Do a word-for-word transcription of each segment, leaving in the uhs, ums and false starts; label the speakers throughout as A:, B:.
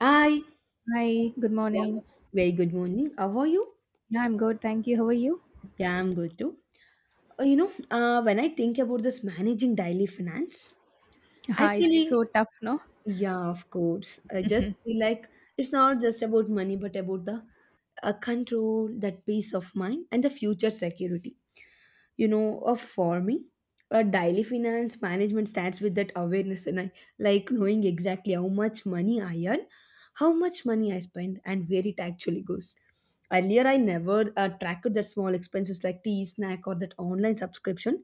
A: I
B: Hi, good
A: yeah,
B: morning.
A: very good morning. How are you?
B: Yeah, I'm good. Thank you. How are you?
A: Yeah, I'm good too. Uh, You know, uh, when I think about this managing daily finance, I
B: Yeah, it's
A: feel like,
B: so tough, no?
A: yeah, of course. I just feel like it's not just about money, but about the uh, control, that peace of mind, and the future security. You know uh, for me a daily finance management starts with that awareness and I, like knowing exactly how much money I earn, how much money I spend, and where it actually goes. Earlier I never uh, tracked the small expenses like tea, snack, or that online subscription,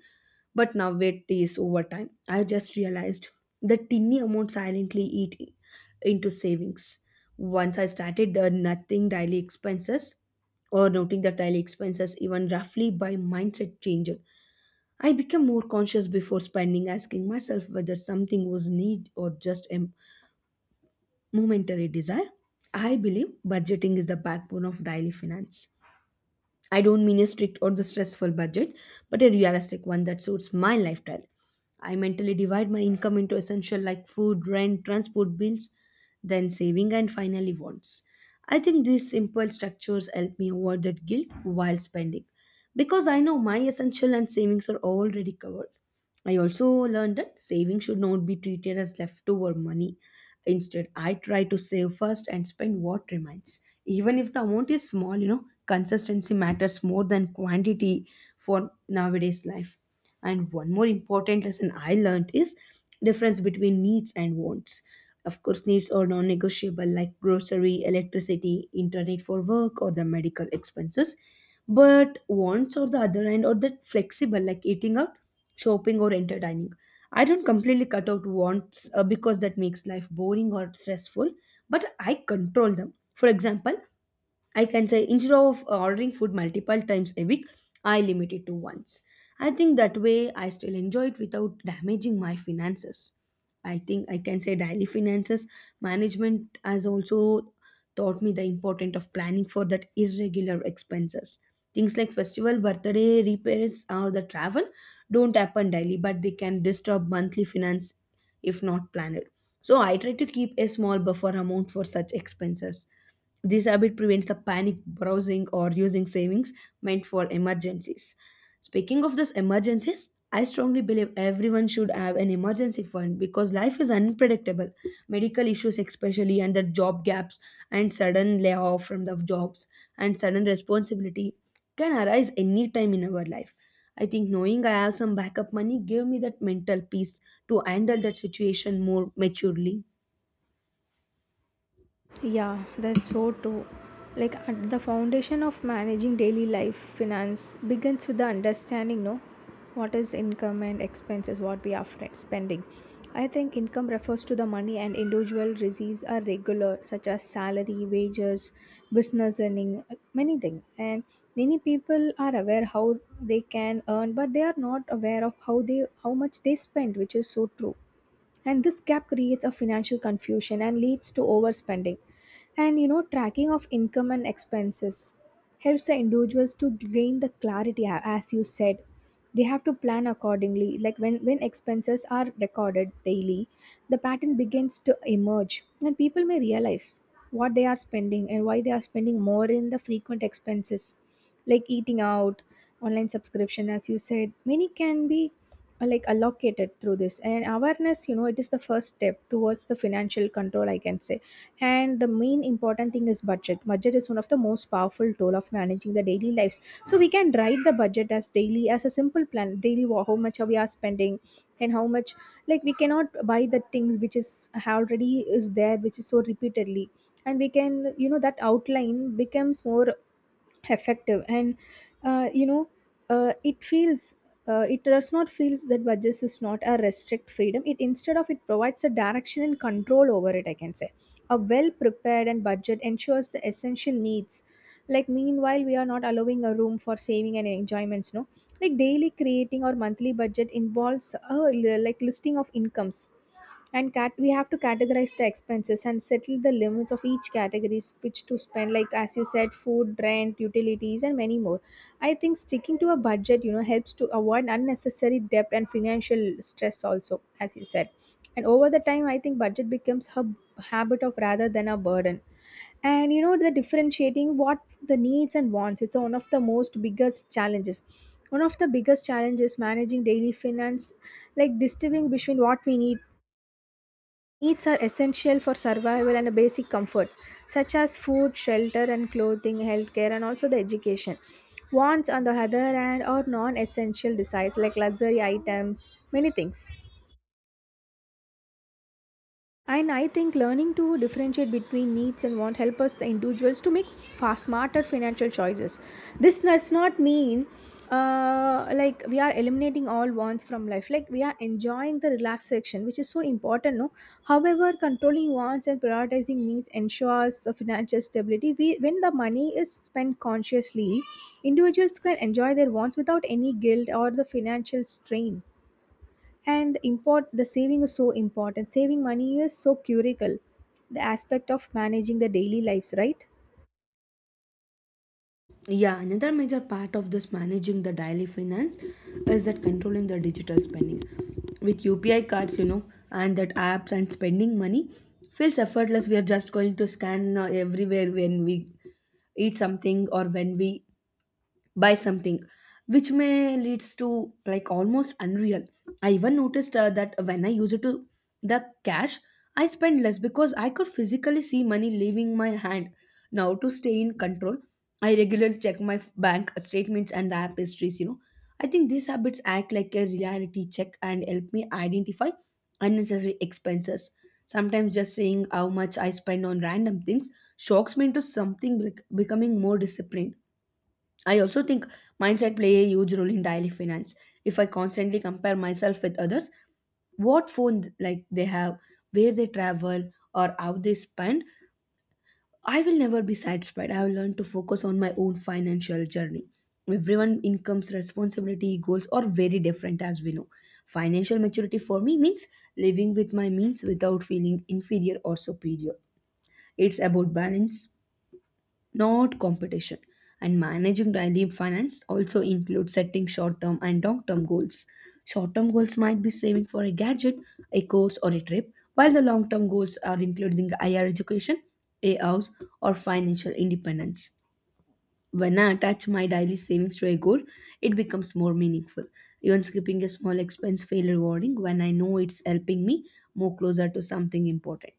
A: but now, it is over time, I just realized the tiny amount silently eat into savings. Once I started uh, nothing daily expenses or noting the daily expenses even roughly, by mindset changer I became more conscious before spending, asking myself whether something was need or just a momentary desire. I believe budgeting is the backbone of daily finance. I don't mean a strict or the stressful budget, but a realistic one that suits my lifestyle. I mentally divide my income into essential like food, rent, transport bills, then saving, and finally wants. I think these simple structures help me avoid that guilt while spending because I know my essential and savings are already covered. I also learned that saving should not be treated as leftover money. Instead, I try to save first and spend what remains. Even if the amount is small, you know, consistency matters more than quantity for nowadays life. And one more important lesson I learned is difference between needs and wants. Of course, needs are non-negotiable like grocery, electricity, internet for work, or the medical expenses. But wants, on the other hand, are that flexible like eating out, shopping, or entertaining. I don't completely cut out wants uh, because that makes life boring or stressful, but I control them. For example, I can say, instead of uh, ordering food multiple times a week, I limit it to once. I think that way I still enjoy it without damaging my finances. I think I can say daily finances management has also taught me the importance of planning for that irregular expenses. Things like festival, birthday, repairs, or the travel don't happen daily, but they can disturb monthly finance if not planned. So I try to keep a small buffer amount for such expenses. This habit prevents the panic browsing or using savings meant for emergencies. Speaking of these emergencies, I strongly believe everyone should have an emergency fund because life is unpredictable. Medical issues, especially, and the job gaps, and sudden layoff from the jobs, and sudden responsibility can arise anytime in our life. I think knowing I have some backup money gave me that mental peace to handle that situation more maturely.
B: Yeah, that's so true. Like at the foundation of managing daily life, finance begins with the understanding, no, what is income and expenses, what we are fr- spending. I think income refers to the money an individual receives are regular, such as salary, wages, business earning, many things. And many people are aware how they can earn, but they are not aware of how they how much they spend, which is so true, and this gap creates a financial confusion and leads to overspending. And you know, tracking of income and expenses helps the individuals to gain the clarity, a- as you said. They have to plan accordingly, like when when expenses are recorded daily, the pattern begins to emerge and people may realize what they are spending and why they are spending more in the frequent expenses like eating out, online subscription, as you said, many can be, uh, like, allocated through this. And awareness, you know, it is the first step towards the financial control, I can say. And the main important thing is budget budget is one of the most powerful tool of managing the daily lives. So we can write the budget as daily, as a simple plan, daily, wa- how much are we are spending and how much. Like we cannot buy the things which is already is there, which is so repeatedly, and we can, you know, that outline becomes more effective. And uh, you know, uh, it feels uh, it does not feels that budgets is not a restrict freedom. It, instead of it, provides a direction and control over it, I can say. A well prepared and budget ensures the essential needs, like meanwhile we are not allowing a room for saving and enjoyments, no. Like daily creating or monthly budget involves a li- like listing of incomes, and cat we have to categorize the expenses and settle the limits of each categories which to spend, like as you said, food, rent, utilities, and many more. I think sticking to a budget, you know, helps to avoid unnecessary debt and financial stress also, as you said. And over the time, I think budget becomes a habit of rather than a burden. And you know the differentiating what, the needs and wants, it's one of the most biggest challenges one of the biggest challenges managing daily finance, like distributing between what we need. Needs are essential for survival and basic comforts such as food, shelter and clothing, healthcare, and also the education. Wants, on the other hand, are non-essential desires like luxury items, many things. And I think learning to differentiate between needs and want help us the individuals to make far smarter financial choices. This does not mean, uh, like, we are eliminating all wants from life. Like we are enjoying the relaxation, which is so important, no. However, controlling wants and prioritizing needs ensures the financial stability. We, when the money is spent consciously, individuals can enjoy their wants without any guilt or the financial strain. And import the saving, is so important, saving money is so curical, the aspect of managing the daily lives, right?
A: Yeah, another major part of this managing the daily finance is that controlling the digital spending. With U P I cards, you know, and that apps and spending money feels effortless. We are just going to scan uh, everywhere when we eat something or when we buy something, which may leads to like almost unreal. I even noticed uh, that when I use it to the cash, I spend less because I could physically see money leaving my hand. Now, to stay in control, I regularly check my bank statements and the app histories you know I think these habits act like a reality check and help me identify unnecessary expenses. Sometimes just saying how much I spend on random things shocks me into something like becoming more disciplined. I also think mindset play a huge role in daily finance. If I constantly compare myself with others, what phone like they have, where they travel, or how they spend, I will never be satisfied. I will learn to focus on my own financial journey. Everyone incomes, responsibility, goals are very different as we know. Financial maturity for me means living with my means without feeling inferior or superior. It's about balance, not competition. And managing daily finance also includes setting short term and long term goals. Short term goals might be saving for a gadget, a course, or a trip, while the long term goals are including higher education, a house, or financial independence. When I attach my daily savings to a goal, it becomes more meaningful. Even skipping a small expense feels rewarding when I know it's helping me move closer to something important.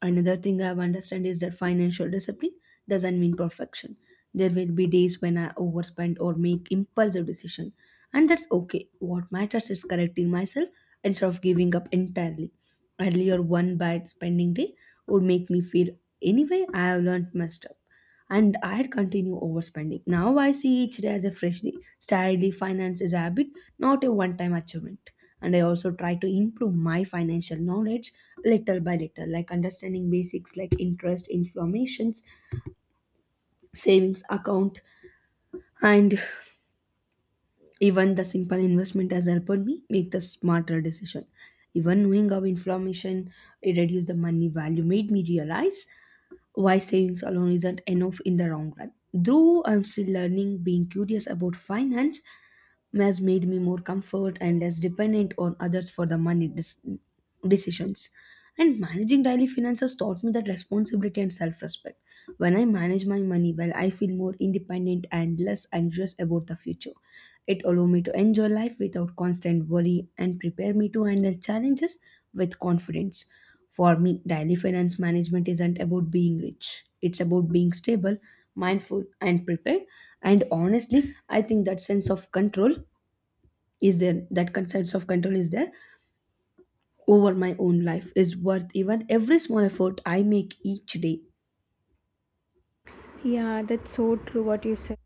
A: Another thing I've understood is that financial discipline doesn't mean perfection. There will be days when I overspend or make impulsive decisions, and that's okay. What matters is correcting myself instead of giving up entirely. Earlier, one bad spending day would make me feel anyway I have learned my stuff and I had continue overspending. Now I see each day as a freshly started finance is a habit, not a one-time achievement. And I also try to improve my financial knowledge little by little, like understanding basics like interest, inflammations, savings account, and even the simple investment has helped me make the smarter decision. Even knowing how inflammation it reduced the money value made me realize why savings alone isn't enough in the long run. Though I'm still learning, being curious about finance has made me more comfort and less dependent on others for the money dis- decisions. And managing daily finances taught me that responsibility and self respect. When I manage my money well, I feel more independent and less anxious about the future. It allows me to enjoy life without constant worry and prepare me to handle challenges with confidence. For me, daily finance management isn't about being rich, it's about being stable, mindful, and prepared. And honestly, I think that sense of control is there that concept of control is there over my own life is worth even every small effort I make each day.
B: Yeah, that's so true, what you said.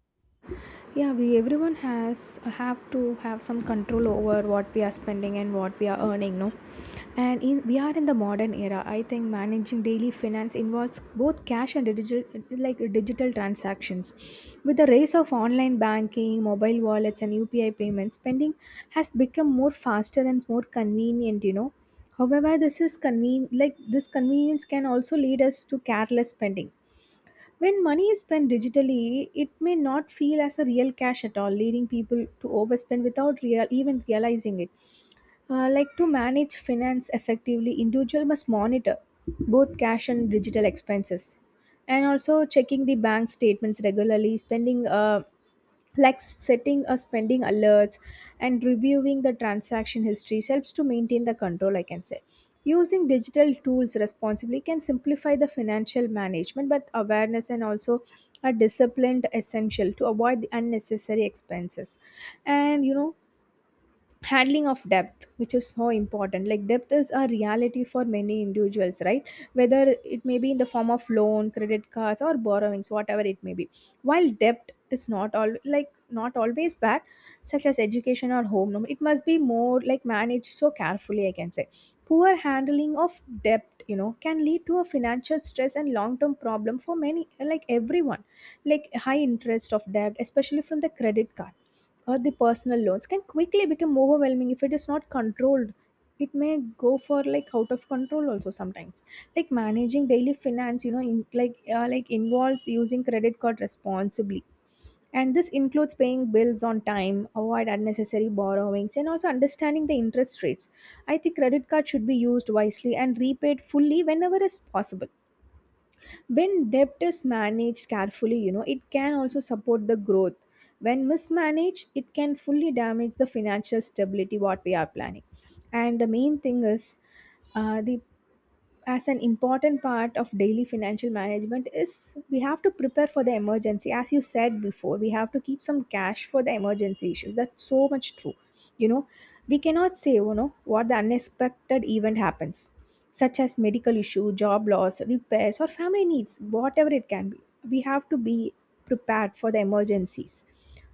B: Yeah, we, everyone has have to have some control over what we are spending and what we are earning, no. And in, we are in the modern era. I think managing daily finance involves both cash and digital, like digital transactions. With the rise of online banking, mobile wallets, and UPI payments, spending has become more faster and more convenient, you know. However, this is conven- like this convenience can also lead us to careless spending. When money is spent digitally, it may not feel as a real cash at all, leading people to overspend without real, even realizing it. Uh, like to manage finance effectively, individual must monitor both cash and digital expenses, and also checking the bank statements regularly, spending uh, like setting a spending alerts and reviewing the transaction histories helps to maintain the control, I can say. Using digital tools responsibly can simplify the financial management, but awareness and also a disciplined essential to avoid the unnecessary expenses. And you know, handling of depth, which is so important, like depth is a reality for many individuals, right? Whether it may be in the form of loan, credit cards, or borrowings, whatever it may be. While debt is not all like not always bad, such as education or home loan, it must be more like managed so carefully, I can say. Poor handling of debt, you know, can lead to a financial stress and long term problem for many, like everyone. Like high interest of debt, especially from the credit card or the personal loans, can quickly become overwhelming if it is not controlled. It may go for like out of control also sometimes. Like managing daily finance, you know, in, like uh, like involves using credit card responsibly. And this includes paying bills on time, avoid unnecessary borrowings, and also understanding the interest rates. I think credit card should be used wisely and repaid fully whenever is possible. When debt is managed carefully, you know, it can also support the growth. When mismanaged, it can fully damage the financial stability, what we are planning. And the main thing is, uh, the as an important part of daily financial management is, we have to prepare for the emergency. As you said before, we have to keep some cash for the emergency issues. That's so much true, you know, we cannot say, you know, what the unexpected event happens, such as medical issue, job loss, repairs, or family needs, whatever it can be. We have to be prepared for the emergencies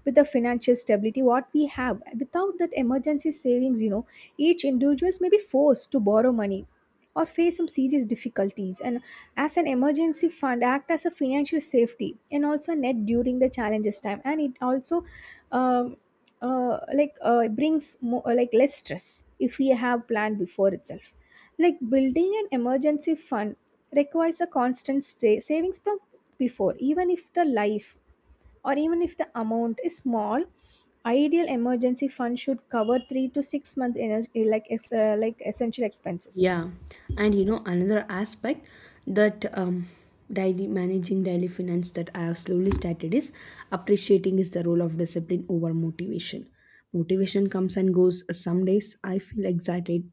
B: with the financial stability, what we have. Without that emergency savings, you know, each individuals may be forced to borrow money or face some serious difficulties. And as an emergency fund act as a financial safety, and also a net during the challenges time. And it also, um, uh, like uh, brings more, like less stress, if we have planned before itself. Like building an emergency fund requires a constant stay savings from before, even if the life, or even if the amount is small. Ideal emergency fund should cover three to six month energy like ex- uh, like essential expenses.
A: Yeah, and you know another aspect that um daily managing daily finance that I have slowly started is appreciating is the role of discipline over motivation. Motivation comes and goes. Some days I feel excited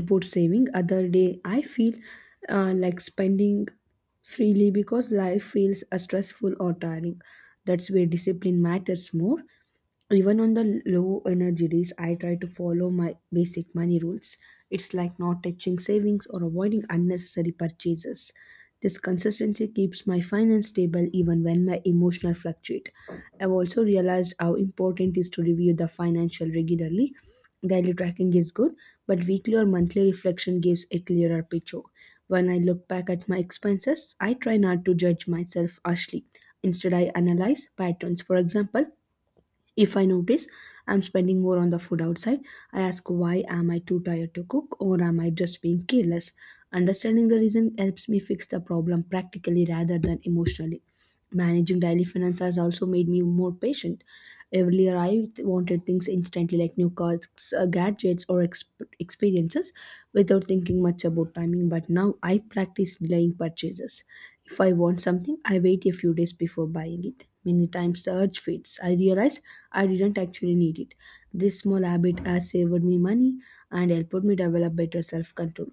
A: about saving, other day I feel uh, like spending freely because life feels uh, stressful or tiring. That's where discipline matters more. Even on the low energy days, I try to follow my basic money rules. It's like not touching savings or avoiding unnecessary purchases. This consistency keeps my finance stable even when my emotional fluctuate. I've also realized how important it is to review the financial regularly. Daily tracking is good, but weekly or monthly reflection gives a clearer picture. When I look back at my expenses, I try not to judge myself harshly. Instead, I analyze patterns. For example, if I notice I'm spending more on the food outside, I ask, why am I too tired to cook, or am I just being careless? Understanding the reason helps me fix the problem practically rather than emotionally. Managing daily finance has also made me more patient. Earlier, I wanted things instantly like new cars, uh, gadgets, or exp- experiences without thinking much about timing, but now I practice delaying purchases. If I want something, I wait a few days before buying it. Many times the urge fades. I realize I didn't actually need it. This small habit has saved me money and helped me develop better self control.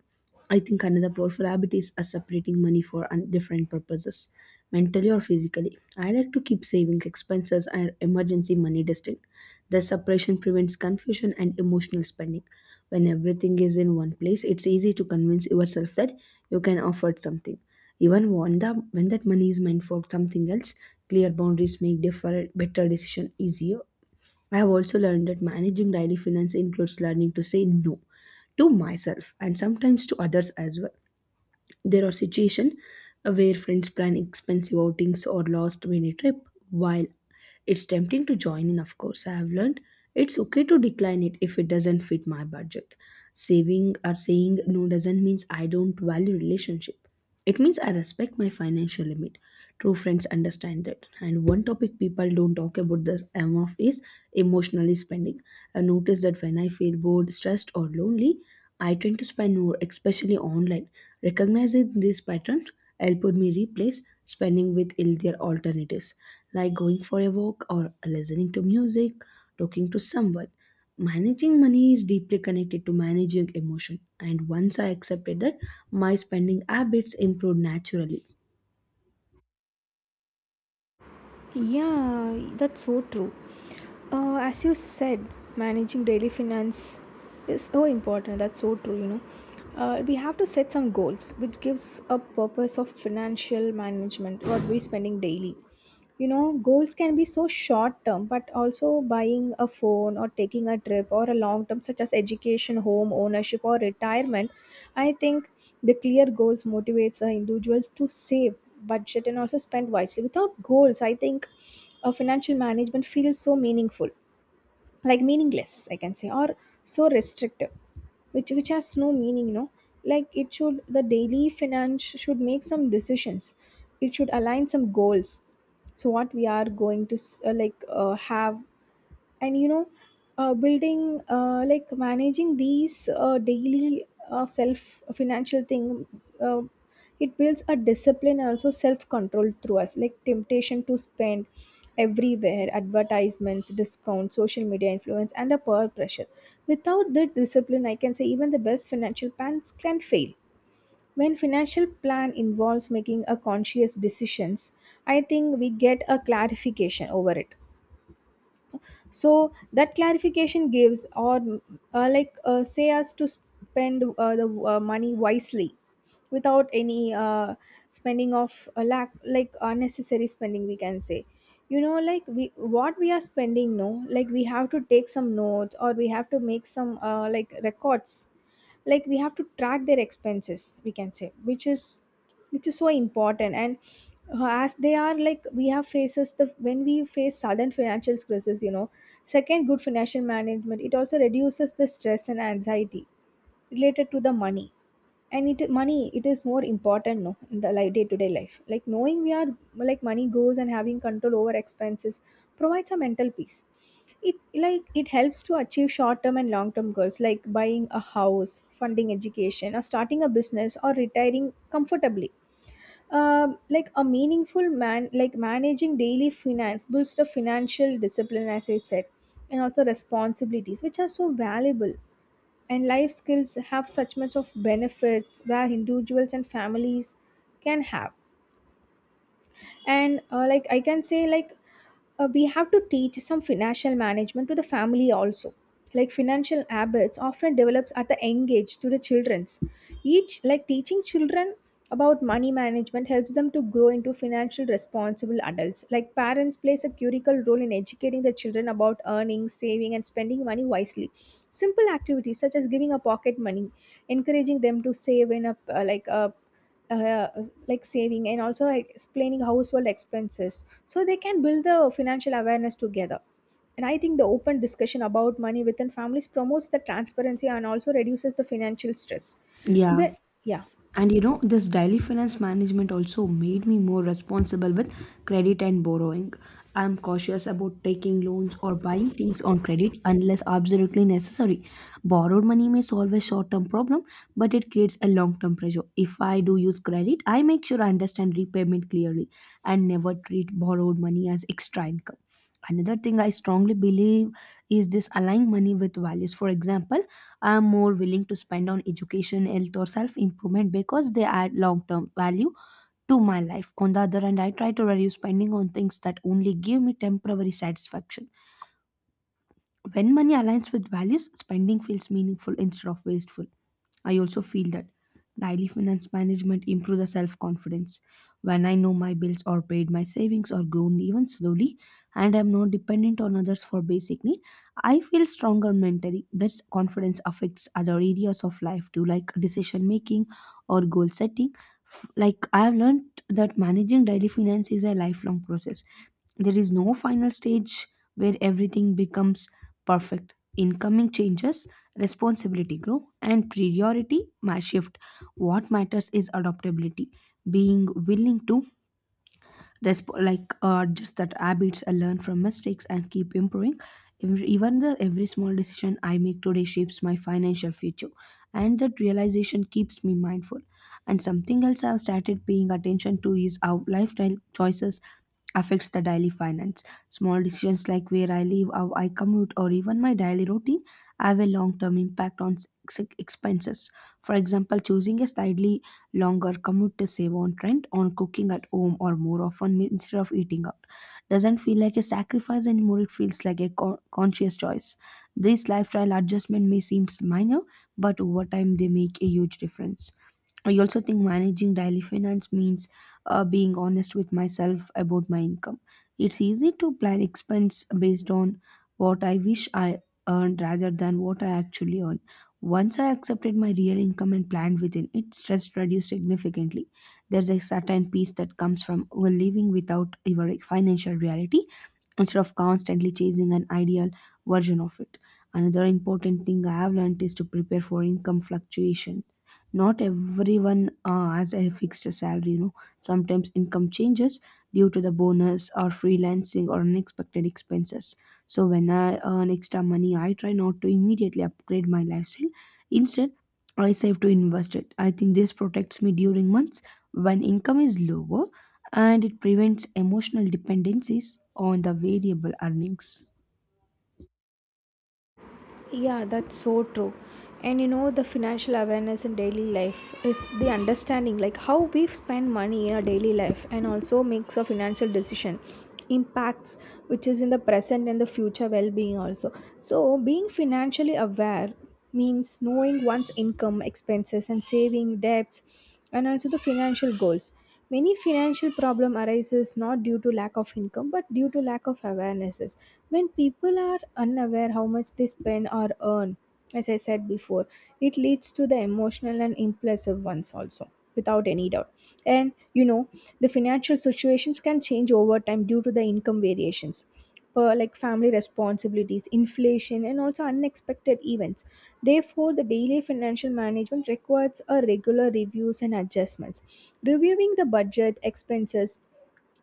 A: I think another powerful habit is uh, separating money for un- different purposes, mentally or physically. I like to keep savings, expenses, and emergency money distinct. The separation prevents confusion and emotional spending. When everything is in one place, it's easy to convince yourself that you can afford something. Even when, the, when that money is meant for something else, clear boundaries make differ, better decision easier. I have also learned that managing daily finance includes learning to say no to myself and sometimes to others as well. There are situations where friends plan expensive outings or last minute trip, while it's tempting to join in, of course. I have learned it's okay to decline it if it doesn't fit my budget. Saving or saying no doesn't mean I don't value relationship. It means I respect my financial limit. True friends understand that. And one topic people don't talk about this enough is emotionally spending. I notice that when I feel bored, stressed, or lonely, I tend to spend more, especially online. Recognizing this pattern helped me replace spending with healthier alternatives like going for a walk, or listening to music, talking to someone. Managing money is deeply connected to managing emotion, and once I accepted that, my spending habits improved naturally.
B: Yeah, that's so true. Uh, as you said, managing daily finance is so important. That's so true, you know. Uh, we have to set some goals, which gives a purpose of financial management, what we're spending daily, you know. Goals can be so short term, but also buying a phone or taking a trip, or a long term such as education, home ownership, or retirement. I think the clear goals motivates the individual to save, budget, and also spend wisely. Without goals, I think a financial management feels so meaningful, like meaningless, I can say, or so restrictive, which which has no meaning, you know. Like it should the daily finance should make some decisions, it should align some goals, so what we are going to s- uh, like uh, have. And you know, uh, building uh, like managing these uh, daily uh, self financial thing, uh, it builds a discipline and also self control through us. Like temptation to spend everywhere, advertisements, discounts, social media influence, and the peer pressure, without the discipline, I can say, even the best financial plans can fail. When financial plan involves making a conscious decisions, I think we get a clarification over it. So that clarification gives, or uh, like uh, say us to spend uh, the uh, money wisely, without any uh, spending of a lack, like unnecessary spending, we can say. You know, like we what we are spending, no, like we have to take some notes, or we have to make some, uh, like, records. Like we have to track their expenses, we can say, which is which is so important. And uh, as they are like we have faces the when we face sudden financial stresses, you know. Second, good financial management, it also reduces the stress and anxiety related to the money. And it, money, it is more important, no, in the, like, day to day life, like knowing we are, like, money goes, and having control over expenses provides a mental peace. It Like it helps to achieve short term and long term goals, like buying a house, funding education, or starting a business, or retiring comfortably. Um, like a meaningful man like managing daily finance builds the financial discipline, as I said, and also responsibilities, which are so valuable. And life skills have such much of benefits, where individuals and families can have. And uh, like, I can say, like, uh, we have to teach some financial management to the family also. Like financial habits often develops at the young age to the children's Each, like, teaching children about money management helps them to grow into financial responsible adults. Like parents plays a critical role in educating the children about earning, saving and spending money wisely. Simple activities such as giving a pocket money, encouraging them to save in a uh, like a uh, like saving, and also explaining household expenses so they can build the financial awareness together. And I think the open discussion about money within families promotes the transparency and also reduces the financial stress.
A: Yeah.
B: But yeah.
A: And you know, this daily finance management also made me more responsible with credit and borrowing. I'm cautious about taking loans or buying things on credit unless absolutely necessary. Borrowed money may solve a short-term problem, but it creates a long-term pressure. If I do use credit, I make sure I understand repayment clearly, and never treat borrowed money as extra income. Another thing I strongly believe is this aligning money with values. For example, I'm more willing to spend on education, health, or self improvement because they add long term value to my life. On the other hand, I try to reduce spending on things that only give me temporary satisfaction. When money aligns with values, spending feels meaningful instead of wasteful. I also feel that daily finance management improves the self-confidence. When I know my bills are paid, my savings are grown even slowly, and I'm not dependent on others for basic need, I feel stronger mentally. This confidence affects other areas of life too, like decision making or goal setting. F- Like I've learned that managing daily finance is a lifelong process. There is no final stage where everything becomes perfect. Incoming changes, responsibility grow, and priority might shift. What matters is adaptability, being willing to resp- like uh, just that habits, I learn from mistakes and keep improving. Every, even the every small decision I make today shapes my financial future, and that realization keeps me mindful. And something else I've started paying attention to is how lifestyle choices affects the daily finance. Small decisions like where I live, how I commute, or even my daily routine have a long term impact on ex- expenses. For example, choosing a slightly longer commute to save on rent, on cooking at home, or more often instead of eating out doesn't feel like a sacrifice anymore, it feels like a con- conscious choice. This lifestyle adjustment may seem minor, but over time they make a huge difference. I also think managing daily finance means uh, being honest with myself about my income. It's easy to plan expense based on what I wish I earned rather than what I actually earn. Once I accepted my real income and planned within it, stress reduced significantly. There's a certain peace that comes from living without your financial reality instead of constantly chasing an ideal version of it. Another important thing I have learned is to prepare for income fluctuation. Not everyone uh, has a fixed salary, you know. Sometimes income changes due to the bonus or freelancing or unexpected expenses. So when I earn extra money, I try not to immediately upgrade my lifestyle. Instead, I save to invest it. I think this protects me during months when income is lower, and it prevents emotional dependencies on the variable earnings.
B: Yeah, that's so true. And you know, the financial awareness in daily life is the understanding like how we spend money in our daily life and also makes a financial decision impacts, which is in the present and the future well-being also. So being financially aware means knowing one's income, expenses, and saving debts, and also the financial goals. Many financial problem arises not due to lack of income but due to lack of awarenesses. When people are unaware how much they spend or earn, as I said before, it leads to the emotional and impulsive ones also, without any doubt. And you know, the financial situations can change over time due to the income variations per like family responsibilities, inflation, and also unexpected events. Therefore, the daily financial management requires a regular reviews and adjustments. Reviewing the budget, expenses,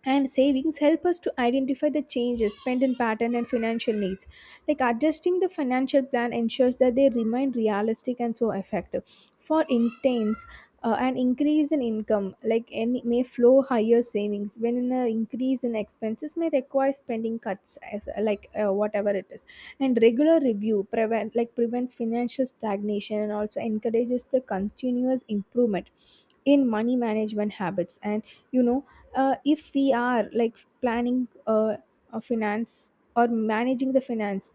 B: and savings help us to identify the changes spending pattern and financial needs, like adjusting the financial plan ensures that they remain realistic and so effective. For intense, uh, an increase in income like any may flow higher savings, when an increase in expenses may require spending cuts, as like uh, whatever it is. And regular review prevent like prevents financial stagnation and also encourages the continuous improvement in money management habits. And you know, uh, if we are like planning uh, a finance or managing the finance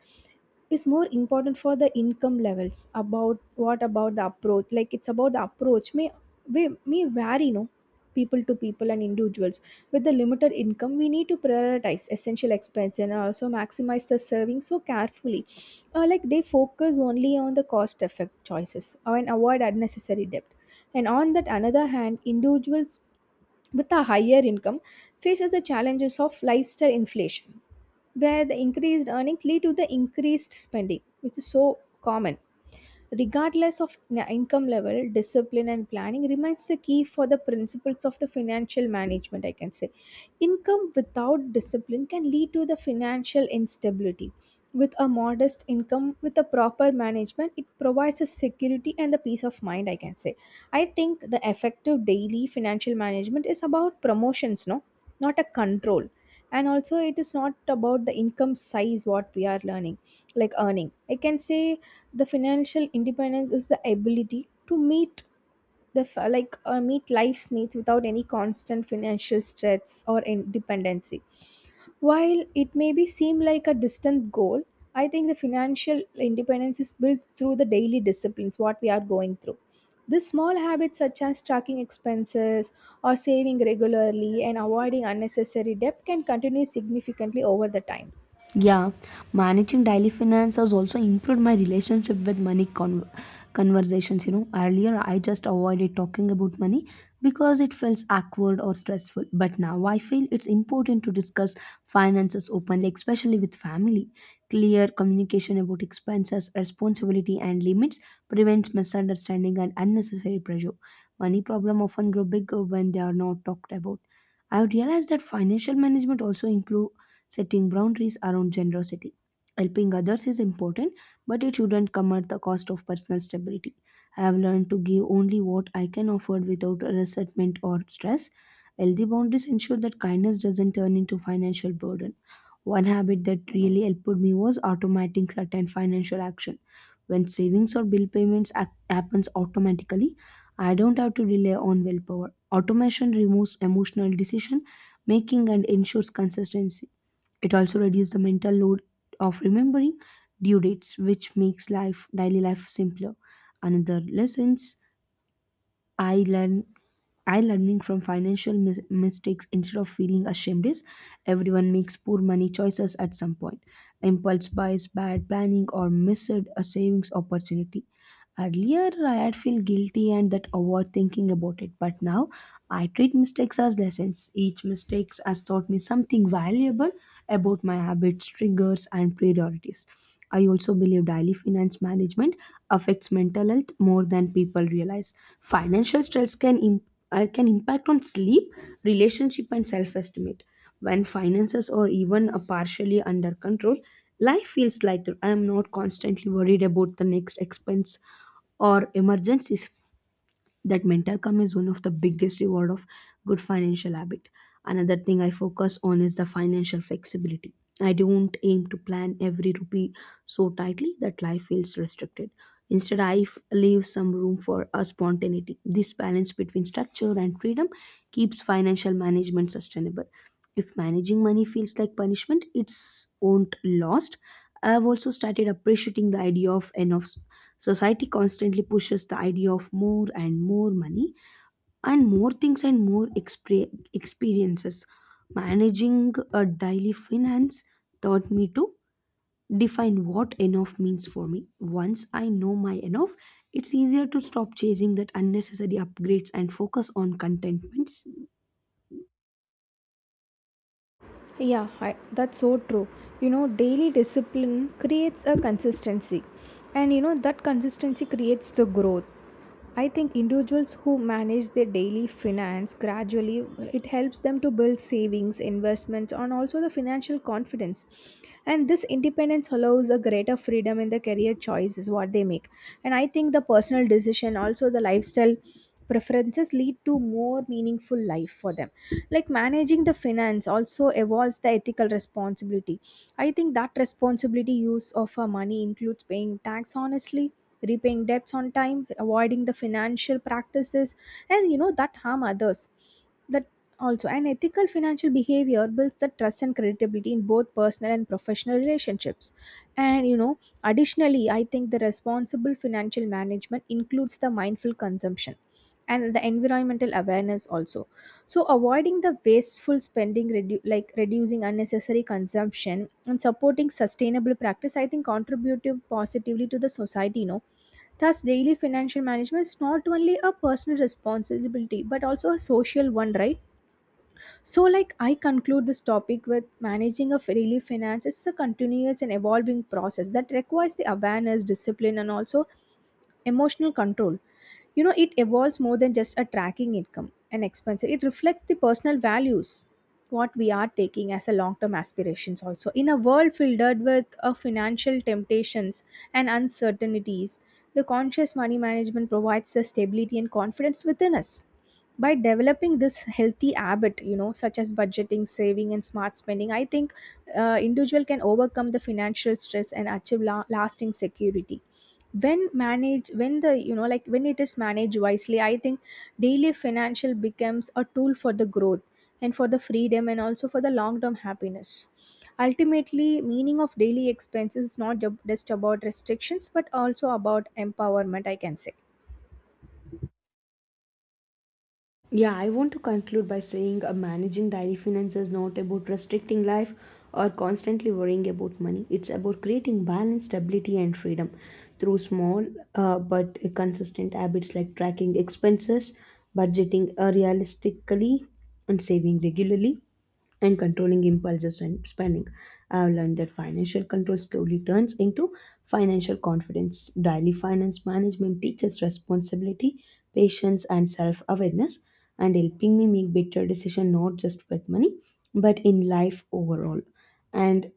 B: is more important for the income levels. About what about the approach, like it's about the approach may may, may vary, no, people to people and individuals. With the limited income, we need to prioritize essential expense and also maximize the savings so carefully. Uh, like, they focus only on the cost effect choices and avoid unnecessary debt. And on that another hand, individuals with a higher income faces the challenges of lifestyle inflation, where the increased earnings lead to the increased spending, which is so common. Regardless of na- income level, discipline and planning remains the key for the principles of the financial management, I can say. Income without discipline can lead to the financial instability. With a modest income with a proper management, it provides a security and the peace of mind, I can say. I think the effective daily financial management is about promotions, no, not a control. And also it is not about the income size what we are learning, like earning, I can say. The financial independence is the ability to meet the f- like uh, meet life's needs without any constant financial stress or in- dependency. While it may be seem like a distant goal, I think the financial independence is built through the daily disciplines what we are going through. The small habits such as tracking expenses or saving regularly and avoiding unnecessary debt can continue significantly over the time.
A: Yeah, managing daily finance has also improved my relationship with money con- conversations. You know, earlier I just avoided talking about money because it felt awkward or stressful. But now I feel it's important to discuss finances openly, especially with family. Clear communication about expenses, responsibility, and limits prevents misunderstanding and unnecessary pressure. Money problem often grow bigger when they are not talked about. I have realized that financial management also improve setting boundaries around generosity. Helping others is important, but it shouldn't come at the cost of personal stability. I have learned to give only what I can afford without resentment or stress. Healthy boundaries ensure that kindness doesn't turn into financial burden. One habit that really helped me was automating certain financial action. When savings or bill payments ac- happens automatically, I don't have to rely on willpower. Automation removes emotional decision making and ensures consistency. It also reduces the mental load of remembering due dates, which makes life daily life simpler. Another lessons I learn I learning from financial mis- mistakes instead of feeling ashamed is everyone makes poor money choices at some point. Impulse buys, bad planning, or missed a savings opportunity. Earlier, I had feel guilty and that overthinking about it, but now I treat mistakes as lessons. Each mistakes has taught me something valuable about my habits, triggers, and priorities. I also believe daily finance management affects mental health more than people realize. Financial stress can im- uh, can impact on sleep, relationship, and self-esteem. When finances are even uh, partially under control, life feels lighter. I am not constantly worried about the next expense or emergencies. That mental calm is one of the biggest reward of good financial habit. Another thing I focus on is the financial flexibility. I don't aim to plan every rupee so tightly that life feels restricted. Instead, i f- leave some room for a spontaneity. This balance between structure and freedom keeps financial management sustainable. If managing money feels like punishment, it's won't lost. I have also started appreciating the idea of enough. Society constantly pushes the idea of more and more money and more things and more expre- experiences. Managing a daily finance taught me to define what enough means for me. Once I know my enough, it's easier to stop chasing that unnecessary upgrades and focus on contentments.
B: Yeah, I, that's so true. You know, daily discipline creates a consistency, and you know, that consistency creates the growth. I think individuals who manage their daily finance gradually, it helps them to build savings, investments, and also the financial confidence. And this independence allows a greater freedom in the career choices what they make. And I think the personal decision, also the lifestyle preferences lead to more meaningful life for them. Like managing the finance also evolves the ethical responsibility. I think that responsibility use of our money includes paying tax honestly, repaying debts on time, avoiding the financial practices, and you know, that harm others. That also an ethical financial behavior builds the trust and credibility in both personal and professional relationships. And you know, additionally, I think the responsible financial management includes the mindful consumption and the environmental awareness also. So avoiding the wasteful spending, redu- like reducing unnecessary consumption and supporting sustainable practice, I think contributive positively to the society, you know. Thus daily financial management is not only a personal responsibility but also a social one, right? So, like, I conclude this topic with managing a daily finance is a continuous and evolving process that requires the awareness, discipline, and also emotional control. You know, it evolves more than just a tracking income and expenses. It reflects the personal values, what we are taking as a long-term aspirations. Also, in a world filled with uh, financial temptations and uncertainties, the conscious money management provides the stability and confidence within us. By developing this healthy habit, you know, such as budgeting, saving and smart spending, I think uh, individual can overcome the financial stress and achieve la- lasting security. When manage when the you know like when it is managed wisely, I think daily financial becomes a tool for the growth, and for the freedom, and also for the long term happiness. Ultimately meaning of daily expenses is not ju- just about restrictions but also about empowerment, I can say.
A: Yeah, I want to conclude by saying uh, managing daily finance is not about restricting life or constantly worrying about money. It's about creating balance, stability, and freedom through small uh, but consistent habits like tracking expenses, budgeting uh, realistically, and saving regularly and controlling impulses and spending. I have learned that financial control slowly turns into financial confidence. Daily finance management teaches responsibility, patience, and self awareness, and helping me make better decisions not just with money but in life overall. And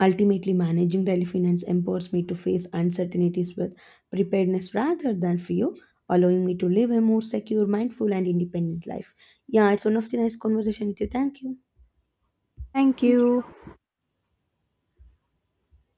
A: ultimately, managing daily finance empowers me to face uncertainties with preparedness rather than fear. Allowing me to live a more secure, mindful, and independent life. Yeah, it's one of the nice conversation with you. Thank you.
B: Thank
A: Thank you.
B: you.